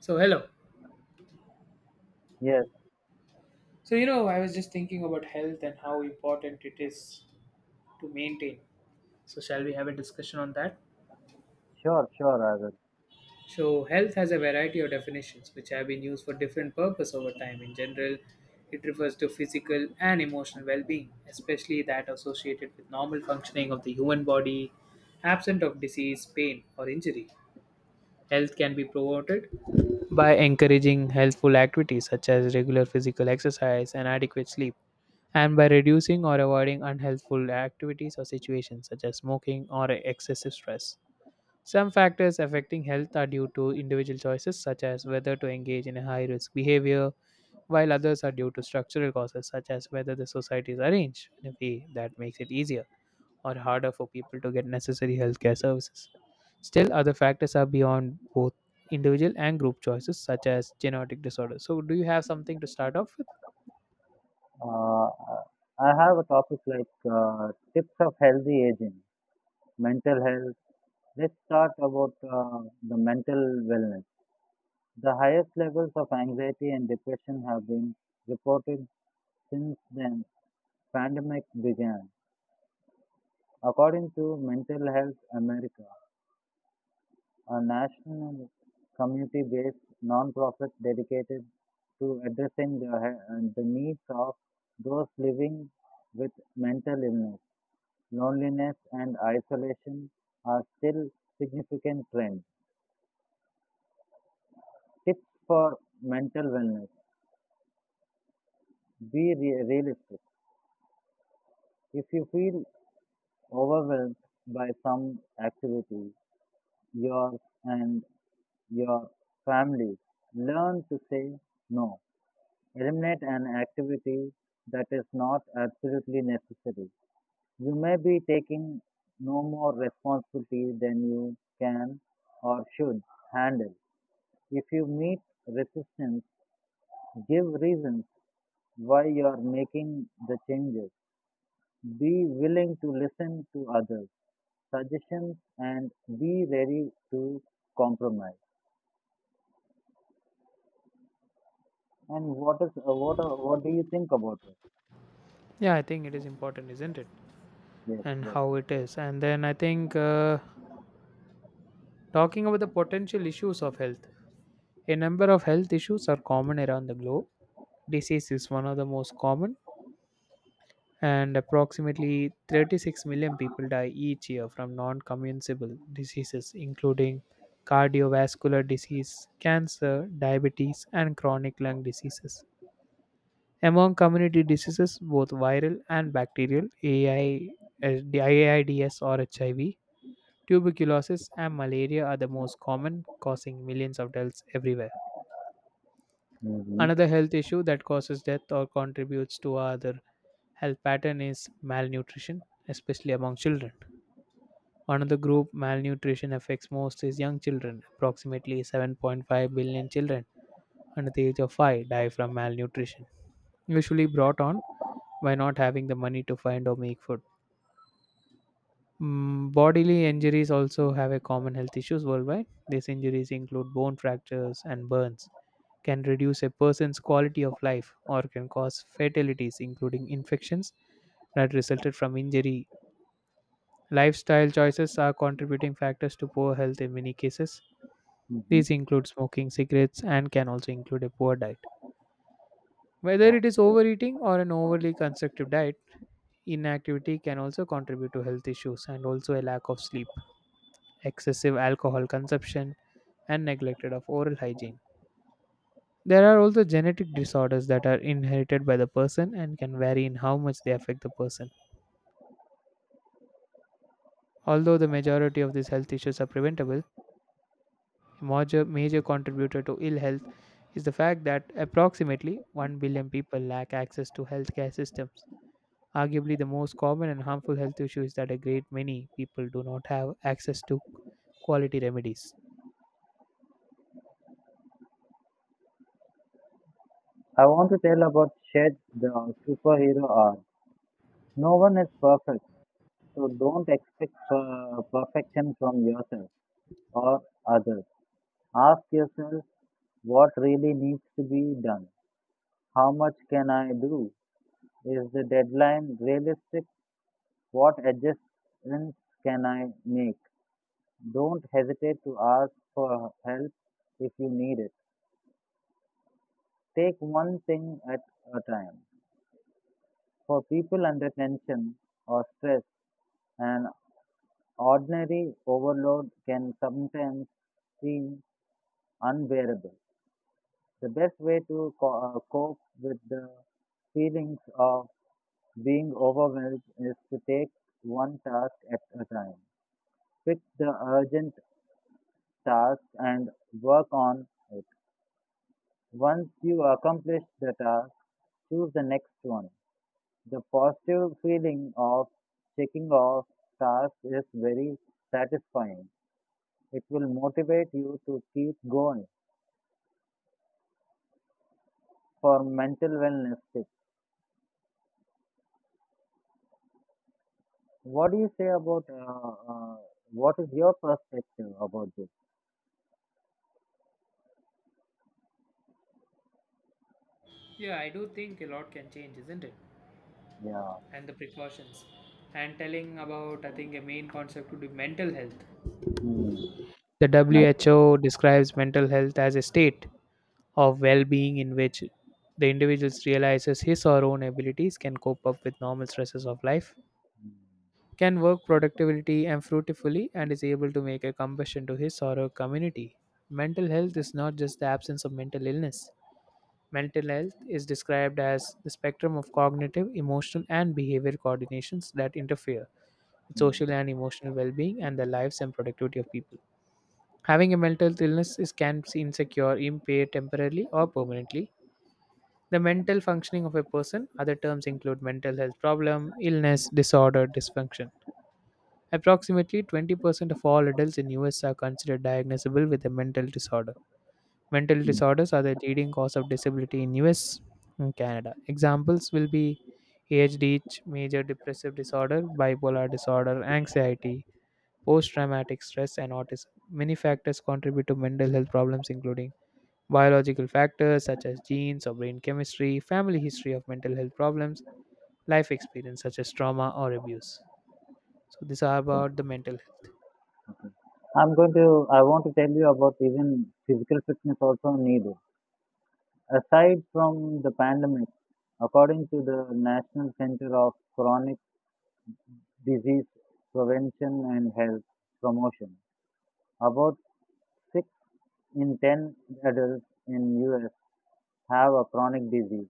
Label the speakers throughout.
Speaker 1: So, hello.
Speaker 2: Yes,
Speaker 1: So, I was just thinking about health and how important it is to maintain. So, shall we have a discussion on that?
Speaker 2: sure, sure, I will.
Speaker 1: So, health has a variety of definitions which have been used for different purpose over time. In general, it refers to physical and emotional well-being, especially that associated with normal functioning of the human body, absent of disease, pain, or injury. Health can be promoted by encouraging healthful activities such as regular physical exercise and adequate sleep, and by reducing or avoiding unhealthful activities or situations such as smoking or excessive stress. Some factors affecting health are due to individual choices such as whether to engage in a high risk behavior, while others are due to structural causes such as whether the society is arranged in a way that makes it easier or harder for people to get necessary healthcare services. Still, other factors are beyond both individual and group choices, such as genetic disorders. So, do you have something to start off with?
Speaker 2: I have a topic like tips of healthy aging, mental health. Let's start about the mental wellness. The highest levels of anxiety and depression have been reported since the pandemic began, according to Mental Health America. A national community-based nonprofit dedicated to addressing the needs of those living with mental illness, loneliness, and isolation are still significant trends. Tips for mental wellness. Be realistic. If you feel overwhelmed by some activity, yours and your family, learn to say no. Eliminate an activity that is not absolutely necessary. You may be taking no more responsibility than you can or should handle. If you meet resistance, give reasons why you are making the changes. Be willing to listen to others' suggestions and be ready to compromise. And what is what are, what do you think about it?
Speaker 1: Yeah, I think it is important, isn't it?
Speaker 2: Yes,
Speaker 1: And
Speaker 2: yes.
Speaker 1: how it is. And then I think talking about the potential issues of health, a number of health issues are common around the globe. Disease is one of the most common, and approximately 36 million people die each year from non communicable diseases, including cardiovascular disease, cancer, diabetes, and chronic lung diseases. Among community diseases, both viral and bacterial, the AIDS or HIV, tuberculosis, and malaria are the most common, causing millions of deaths everywhere.
Speaker 2: Mm-hmm.
Speaker 1: Another health issue that causes death or contributes to other health pattern is malnutrition, especially among children. Another group malnutrition affects most is young children. Approximately 7.5 billion children under the age of 5 die from malnutrition, usually brought on by not having the money to find or make food. Bodily injuries also have a common health issues worldwide. These injuries include bone fractures and burns, can reduce a person's quality of life, or can cause fatalities, including infections that resulted from injury. Lifestyle choices are contributing factors to poor health in many cases.
Speaker 2: Mm-hmm.
Speaker 1: These include smoking cigarettes and can also include a poor diet. Whether
Speaker 2: Oh.
Speaker 1: it is overeating or an overly constrictive diet, inactivity can also contribute to health issues and also a lack of sleep, excessive alcohol consumption, and neglected of oral hygiene. There are also genetic disorders that are inherited by the person and can vary in how much they affect the person. Although the majority of these health issues are preventable, major contributor to ill health is the fact that approximately 1 billion people lack access to healthcare systems. Arguably, the most common and harmful health issue is that a great many people do not have access to quality remedies.
Speaker 2: I want to tell about Shed the superhero art. No one is perfect, so don't expect perfection from yourself or others. Ask yourself what really needs to be done. How much can I do? Is the deadline realistic? What adjustments can I make? Don't hesitate to ask for help if you need it. Take one thing at a time. For people under tension or stress, an ordinary overload can sometimes seem unbearable. The best way to cope with the feelings of being overwhelmed is to take one task at a time. Pick the urgent task and work on it. Once you accomplish the task, choose the next one. The positive feeling of checking off tasks is very satisfying. It will motivate you to keep going for mental wellness tips. What do you say about uh, uh, what is your perspective about this?
Speaker 1: Yeah, I do think a lot can change, isn't it?
Speaker 2: Yeah.
Speaker 1: And the precautions. And telling about, I think, a main concept would be mental health.
Speaker 2: Mm.
Speaker 1: The
Speaker 2: It's nice.
Speaker 1: WHO describes mental health as a state of well-being in which the individual realizes his or her own abilities, can cope up with normal stresses of life, can work productively and fruitfully, and is able to make a contribution to his or her community. Mental health is not just the absence of mental illness. Mental health is described as the spectrum of cognitive, emotional and behavioral coordinations that interfere with social
Speaker 2: Mm.
Speaker 1: and emotional well-being and the lives and productivity of people. Having a mental illness is can be insecure, impaired temporarily or permanently the mental functioning of a person. Other terms include mental health problem, illness, disorder, dysfunction. Approximately 20% of all adults in US are considered diagnosable with a mental disorder. Mental
Speaker 2: Mm.
Speaker 1: disorders are the leading cause of disability in US and Canada. Examples will be ADHD, major depressive disorder, bipolar disorder, anxiety, post traumatic stress and autism. Many factors contribute to mental health problems, including biological factors such as genes or brain chemistry, family history of mental health problems, life experience such as trauma or abuse. So these are about the mental health.
Speaker 2: I want to tell you about even physical fitness also needed. Aside from the pandemic, according to the National Center of Chronic Disease Prevention and Health Promotion, about 6 in 10 adults in US have a chronic disease,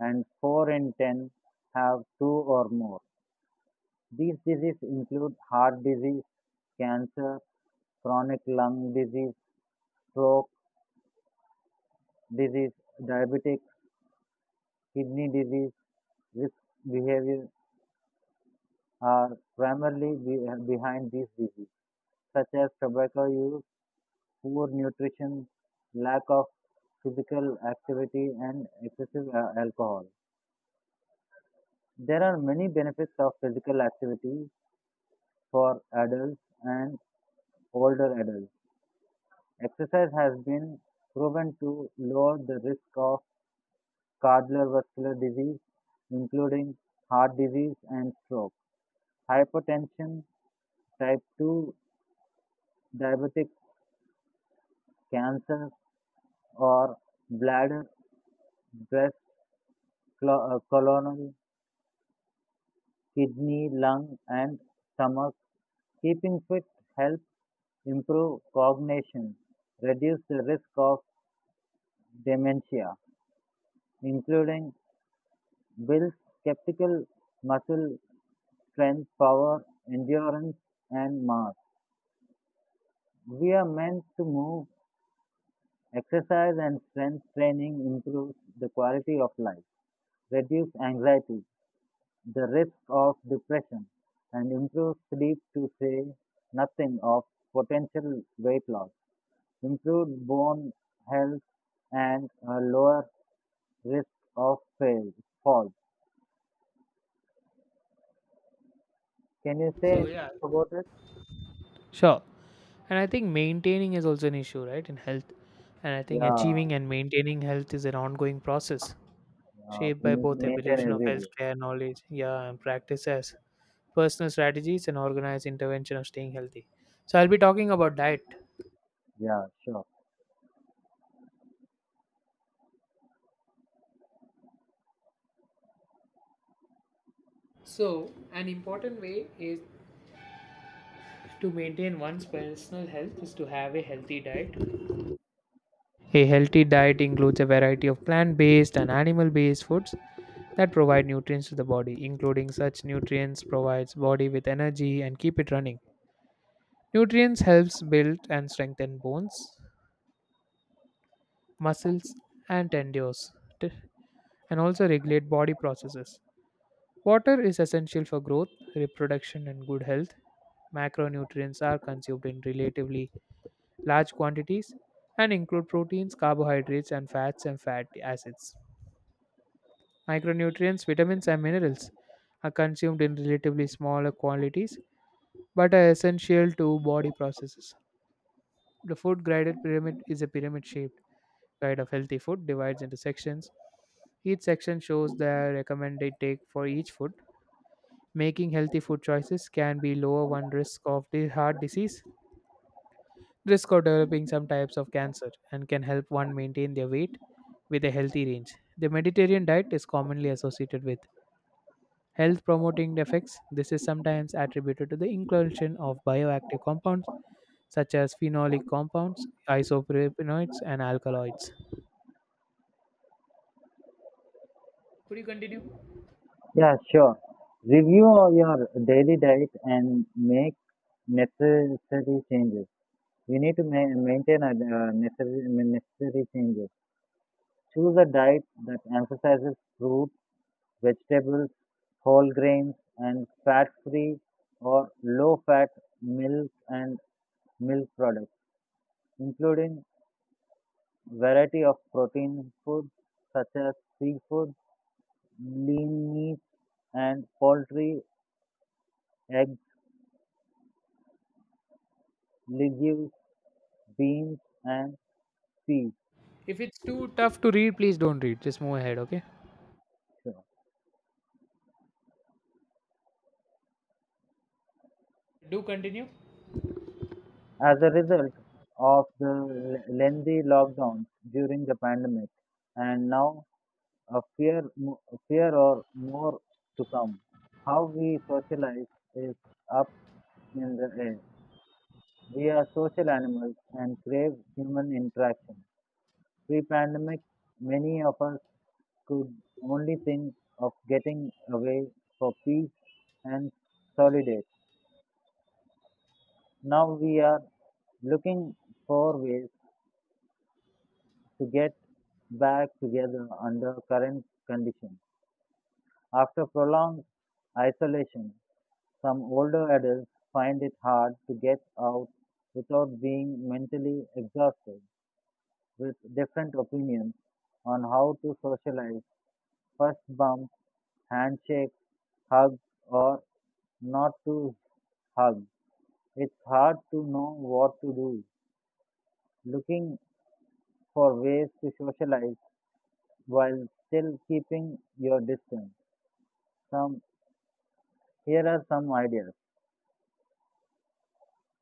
Speaker 2: and 4 in 10 have two or more. These diseases include heart disease, cancer, chronic lung disease, stroke disease, diabetic kidney disease. Risk behaviors are primarily behind these diseases, such as tobacco use, poor nutrition, lack of physical activity, and excessive alcohol. There are many benefits of physical activity, for adults and older adults. Exercise has been proven to lower the risk of cardiovascular disease, including heart disease and stroke, hypertension, type 2 diabetic cancer, or bladder, breast, colon, kidney, lung, and stomach. Keeping fit helps improve cognition, reduce the risk of dementia, including builds skeptical muscle strength, power, endurance, and mass. We are meant to move. Exercise and strength training improves the quality of life, reduce anxiety, the risk of depression, and improve sleep to say nothing of potential weight loss, improved bone health, and a lower risk of falls. Can you say
Speaker 1: So
Speaker 2: anything
Speaker 1: yeah,
Speaker 2: about it?
Speaker 1: sure. And I think maintaining is also an issue, right, in health. And I think
Speaker 2: Yeah.
Speaker 1: achieving and maintaining health is an ongoing process shaped
Speaker 2: We
Speaker 1: by
Speaker 2: need to
Speaker 1: both
Speaker 2: maintain
Speaker 1: evolution of
Speaker 2: every day.
Speaker 1: healthcare knowledge, yeah, and practice as personal strategies and organized intervention of staying healthy. So I'll be talking about diet.
Speaker 2: Yeah, sure.
Speaker 1: So an important way is to maintain one's personal health is to have a healthy diet. A healthy diet includes a variety of plant based and animal based foods that provide nutrients to the body, including such nutrients provides body with energy and keep it running. Nutrients helps build and strengthen bones, muscles and tendons t- and also regulate body processes. Water is essential for growth, reproduction and good health. Macronutrients are consumed in relatively large quantities and include proteins, carbohydrates, and fats and fatty acids. Micronutrients, vitamins, and minerals are consumed in relatively smaller quantities but are essential to body processes. The food graded pyramid is a pyramid shaped guide of healthy food, divides into sections. Each section shows the recommended take for each food. Making healthy food choices can be lower one risk of the heart disease, risk of developing some types of cancer and can help one maintain their weight with a healthy range. The Mediterranean diet is commonly associated with health promoting effects. This is sometimes attributed to the inclusion of bioactive compounds such as phenolic compounds, isopropanoids, and alkaloids. Could you continue?
Speaker 2: Yeah, sure. Review your daily diet and make necessary changes. We need to maintain a necessary changes. Choose a diet that emphasizes fruit, vegetables, whole grains, and fat-free or low-fat milk and milk products, including variety of protein foods such as seafood, lean meat and poultry, eggs, legumes, beans, and peas.
Speaker 1: If it's too tough to read, please don't read. Just move ahead, okay? Do continue.
Speaker 2: As a result of the lengthy lockdowns during the pandemic, and now a fear or more to come. How we socialize is up in the air. We are social animals and crave human interaction. Pre pandemic, many of us could only think of getting away for peace and solitude. Now we are looking for ways to get back together under current conditions. After prolonged isolation, some older adults find it hard to get out without being mentally exhausted. With different opinions on how to socialize, first bumps, handshakes, hugs, or not to hug. It's hard to know what to do, looking for ways to socialize while still keeping your distance. Some here are some ideas.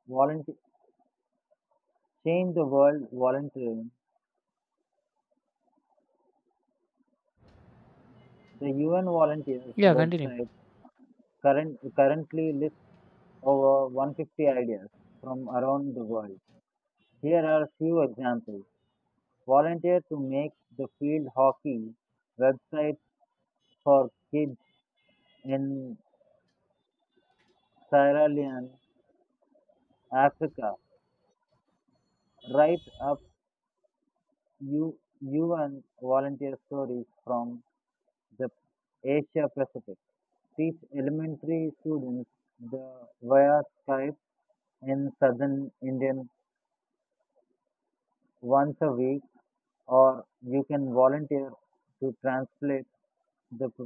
Speaker 2: Volunteer change the world volunteering. The UN volunteers
Speaker 1: Yeah, continue.
Speaker 2: website currently lists over 150 ideas from around the world. Here are a few examples. Volunteer to make the field hockey website for kids in Sierra Leone Africa. Write up you and volunteer stories from the Asia Pacific. Teach elementary students the via Skype in southern Indian once a week, or you can volunteer to translate the p-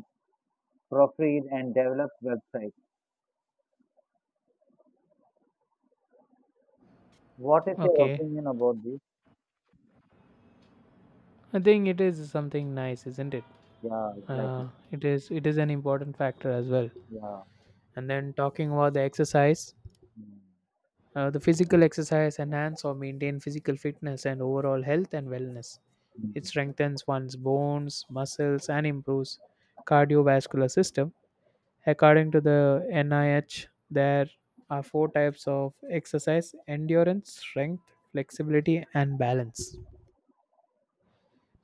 Speaker 2: proofread and develop website. What is your
Speaker 1: Okay.
Speaker 2: opinion about this?
Speaker 1: I think it is something nice, isn't it?
Speaker 2: Yeah, exactly.
Speaker 1: Uh, it is an important factor as well.
Speaker 2: Yeah.
Speaker 1: And then talking about the exercise,
Speaker 2: Mm,
Speaker 1: the physical exercise enhance or maintain physical fitness and overall health and wellness. It
Speaker 2: mm.
Speaker 1: strengthens one's bones, muscles, and improves cardiovascular system. According to the NIH, there are four types of exercise: endurance, strength, flexibility, and balance.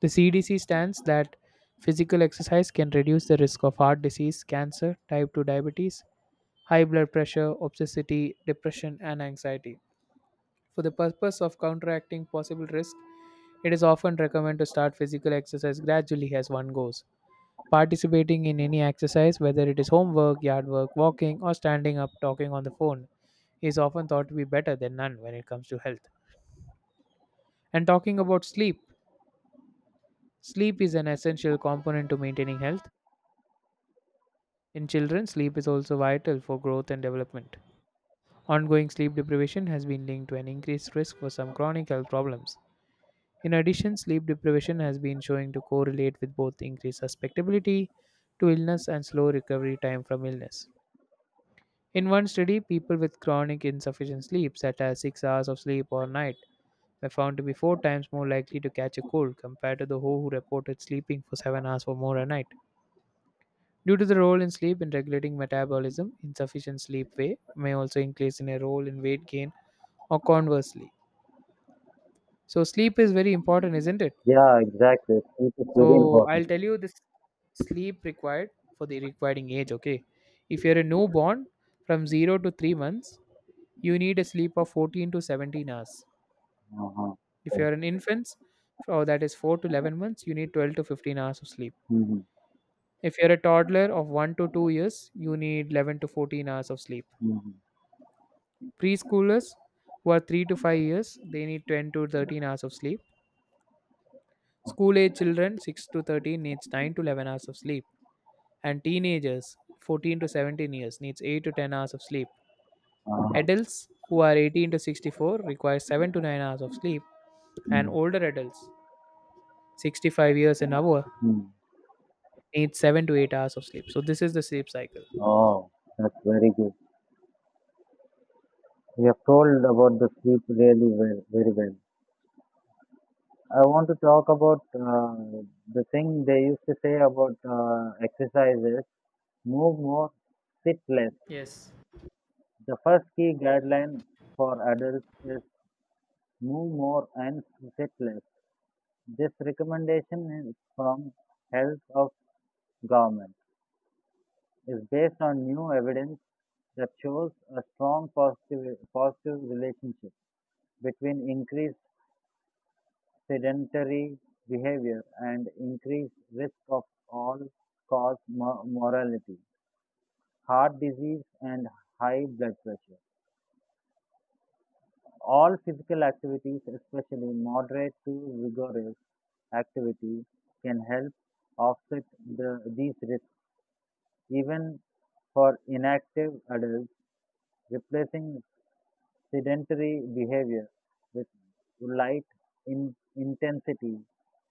Speaker 1: The CDC stands that physical exercise can reduce the risk of heart disease, cancer, type 2 diabetes, high blood pressure, obesity, depression, and anxiety. For the purpose of counteracting possible risk, it is often recommended to start physical exercise gradually as one goes. Participating in any exercise, whether it is homework, yard work, walking, or standing up talking on the phone, is often thought to be better than none when it comes to health. And talking about sleep, sleep is an essential component to maintaining health. In children, sleep is also vital for growth and development. Ongoing sleep deprivation has been linked to an increased risk for some chronic health problems. In addition, sleep deprivation has been showing to correlate with both increased susceptibility to illness and slow recovery time from illness. In one study, people with chronic insufficient sleep, such as 6 hours of sleep or night, were found to be 4 times more likely to catch a cold compared to those who reported sleeping for 7 hours or more a night. Due to the role in sleep in regulating metabolism, insufficient sleep way may also increase in a role in weight gain or conversely. So sleep is very important, isn't it?
Speaker 2: Yeah, exactly. It is very
Speaker 1: So I'll
Speaker 2: important.
Speaker 1: tell you this sleep required for the requiring age. Okay, if you're a newborn from 0 to 3 months, you need a sleep of 14 to 17 hours.
Speaker 2: Uh-huh.
Speaker 1: If you're an infant, or that is four to 11 months, you need 12 to 15 hours of sleep.
Speaker 2: Mhm.
Speaker 1: If you're a toddler of 1 to 2 years, you need 11 to 14 hours of sleep.
Speaker 2: Mhm.
Speaker 1: Preschoolers who are 3 to 5 years, they need 10 to 13 hours of sleep. School age children 6 to 13 needs 9 to 11 hours of sleep, and teenagers 14 to 17 years needs 8 to 10 hours of sleep.
Speaker 2: Ah.
Speaker 1: Adults who are 18 to 64 require 7 to 9 hours of sleep, and
Speaker 2: Mm.
Speaker 1: older adults 65 years and above
Speaker 2: Mm.
Speaker 1: need 7 to 8 hours of sleep. So this is the sleep cycle.
Speaker 2: Oh, that's very good. You have told about the sleep really well, very well. I want to talk about the thing they used to say about exercises: move more, sit less.
Speaker 1: Yes.
Speaker 2: The first key guideline for adults is move more and sit less. This recommendation is from Health of Government. Is based on new evidence that shows a strong positive relationship between increased sedentary behavior and increased risk of all cause mortality, heart disease, and high blood pressure. All physical activities, especially moderate to vigorous activity, can help offset these risks. Even for inactive adults, replacing sedentary behavior with light in intensity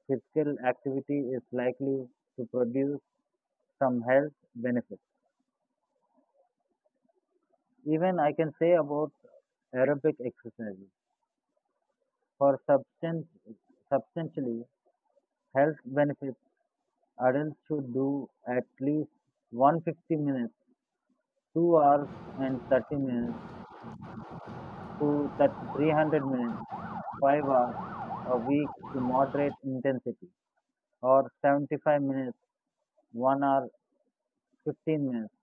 Speaker 2: physical activity is likely to produce some health benefits. Even I can say about aerobic exercises. For substantially health benefits, adults should do at least 150 minutes, 2 hours and 30 minutes to 30 300 minutes, 5 hours a week to moderate intensity, or 75 minutes, 1 hour 15 minutes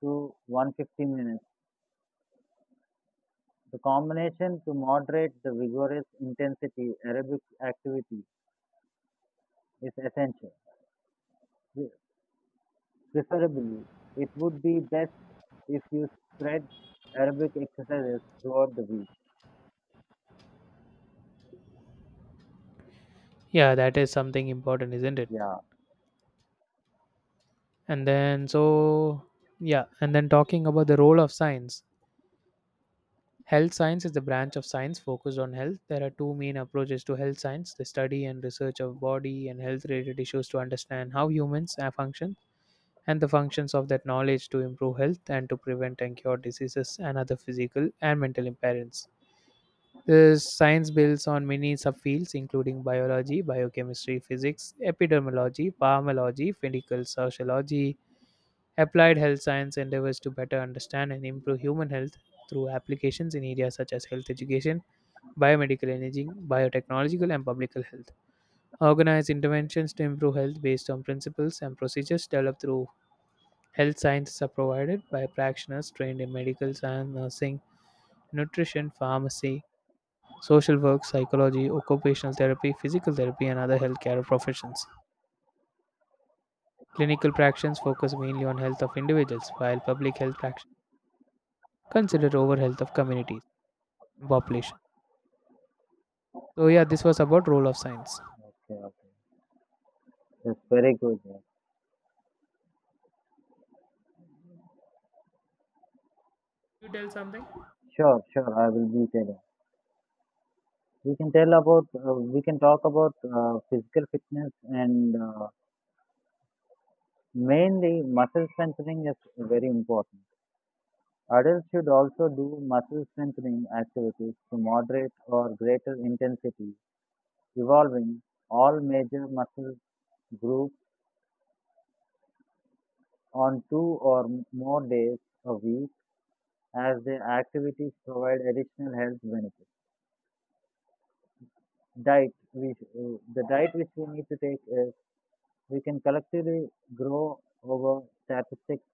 Speaker 2: to 150 minutes. The combination to moderate the vigorous intensity aerobic activity is essential. Preferably, it would be best if you spread aerobic exercises throughout the week.
Speaker 1: Yeah, that is something important, isn't it?
Speaker 2: Yeah,
Speaker 1: And then so yeah, and then talking about the role of science. Health science is the branch of science focused on health. There are two main approaches to health science, the study and research of body and health related issues to understand how humans are function, and the functions of that knowledge to improve health and to prevent and cure diseases and other physical and mental impairments. This science builds on many subfields including biology, biochemistry, physics, epidemiology, pharmacology, medical sociology. Applied health science endeavors to better understand and improve human health through applications in areas such as health education, biomedical imaging, biotechnological, and public health. Organize interventions to improve health based on principles and procedures developed through health sciences are provided by practitioners trained in medical science, nursing, nutrition, pharmacy, social work, psychology, occupational therapy, physical therapy, and other healthcare professions. Clinical practitioners focus mainly on health of individuals, while public health practitioners consider over health of communities and population. So yeah, this was about role of science.
Speaker 2: okay, okay. That's very good. Yeah.
Speaker 1: You tell something.
Speaker 2: Sure, sure, I will be telling. We can talk about physical fitness and mainly, muscle strengthening is very important. Adults should also do muscle strengthening activities to moderate or greater intensity, involving all major muscle groups on two or more days a week as the activities provide additional health benefits. Diet, we, the diet which we need to take is we can collectively grow over statistics.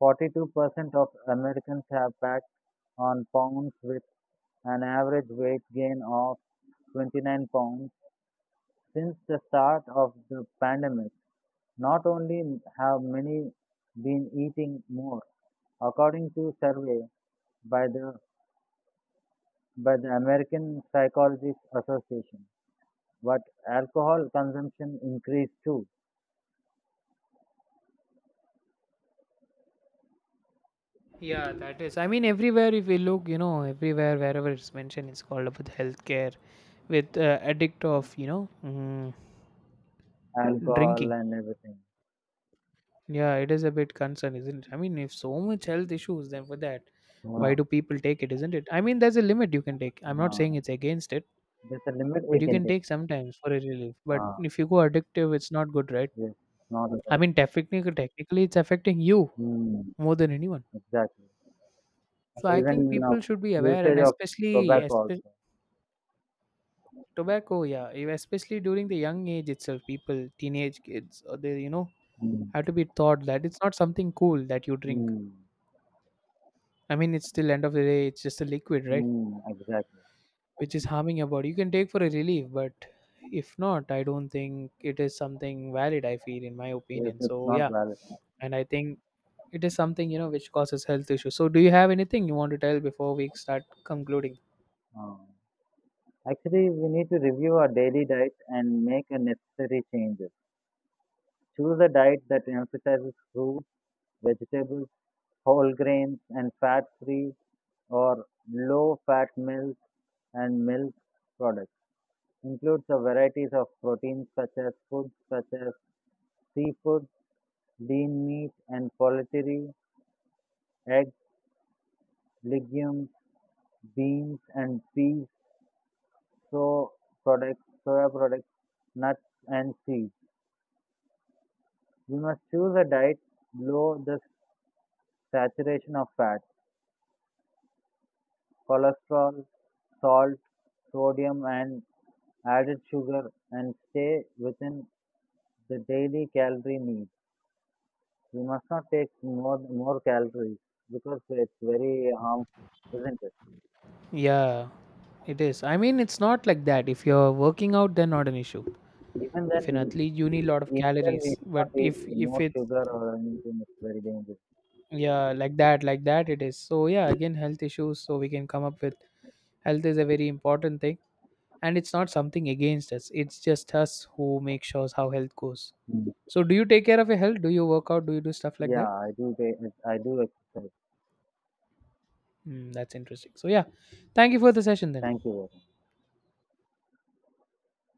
Speaker 2: 42% of Americans have packed on pounds with an average weight gain of 29 pounds since the start of the pandemic. Not only have many been eating more, according to survey by the by the American Psychologists Association, but alcohol consumption increased too.
Speaker 1: Yeah, that is. I mean, everywhere if we look, everywhere wherever it's mentioned, it's called about healthcare with addict of
Speaker 2: Mhm. Alcohol
Speaker 1: drinking.
Speaker 2: and everything.
Speaker 1: Yeah, it is a bit concern, isn't it? I mean, if so much health issues, then for that,
Speaker 2: Yeah.
Speaker 1: why do people take it? Isn't it? I mean, there's a limit you can take. I'm not
Speaker 2: Uh,
Speaker 1: saying it's against it,
Speaker 2: there's a limit
Speaker 1: but
Speaker 2: we
Speaker 1: you
Speaker 2: can
Speaker 1: can
Speaker 2: take.
Speaker 1: take sometimes for a relief. But
Speaker 2: Uh,
Speaker 1: if you go addictive, it's not good, right?
Speaker 2: yes, not at
Speaker 1: I
Speaker 2: all.
Speaker 1: mean, technically, it's affecting you
Speaker 2: Mm,
Speaker 1: more than anyone.
Speaker 2: exactly. And
Speaker 1: So I think
Speaker 2: even
Speaker 1: people should be aware, and
Speaker 2: usage of
Speaker 1: especially,
Speaker 2: tobacco
Speaker 1: espe-
Speaker 2: also.
Speaker 1: Tobacco, yeah, especially during the young age itself, people, teenage kids, or they,
Speaker 2: Mm,
Speaker 1: have to be taught that it's not something cool that you drink.
Speaker 2: mm,
Speaker 1: I mean, it's still end of the day, it's just a liquid, right?
Speaker 2: mm, exactly.
Speaker 1: Which is harming your body. You can take for a relief, but if not, I don't think it is something valid. I feel, in my
Speaker 2: Yes,
Speaker 1: opinion.
Speaker 2: it's
Speaker 1: So
Speaker 2: not
Speaker 1: yeah,
Speaker 2: valid.
Speaker 1: and I think it is something which causes health issues. So do you have anything you want to tell before we start concluding?
Speaker 2: Um, actually, we need to review our daily diet and make a necessary changes. Choose a diet that emphasizes fruits, vegetables, whole grains, and fat-free or low-fat milk and milk products. Includes a varieties of proteins such as foods such as seafood, lean meat and poultry, eggs, legumes, beans and peas, soy products, soya products, nuts and seeds. We must choose a diet low the saturation of fat, cholesterol, salt, sodium and added sugar and stay within the daily calorie need. We must not take more calories because it's very harmful, isn't it?
Speaker 1: Yeah, it is. I mean, it's not like that. If you're working out, then not an issue.
Speaker 2: Even
Speaker 1: If
Speaker 2: then,
Speaker 1: an athlete you need a lot of
Speaker 2: even
Speaker 1: calories,
Speaker 2: we do
Speaker 1: but
Speaker 2: not eat
Speaker 1: if
Speaker 2: more
Speaker 1: it's,
Speaker 2: sugar or anything, it's very dangerous.
Speaker 1: yeah, like that it is. So yeah, again, health issues. So we can come up with, health is a very important thing, and it's not something against us, it's just us who make sure how health goes.
Speaker 2: Mm.
Speaker 1: So do you take care of your health? Do you work out? Do you do stuff like
Speaker 2: Yeah,
Speaker 1: that?
Speaker 2: I do. I do exercise.
Speaker 1: Hmm, that's interesting. So yeah, thank you for the session then.
Speaker 2: Thank you very much.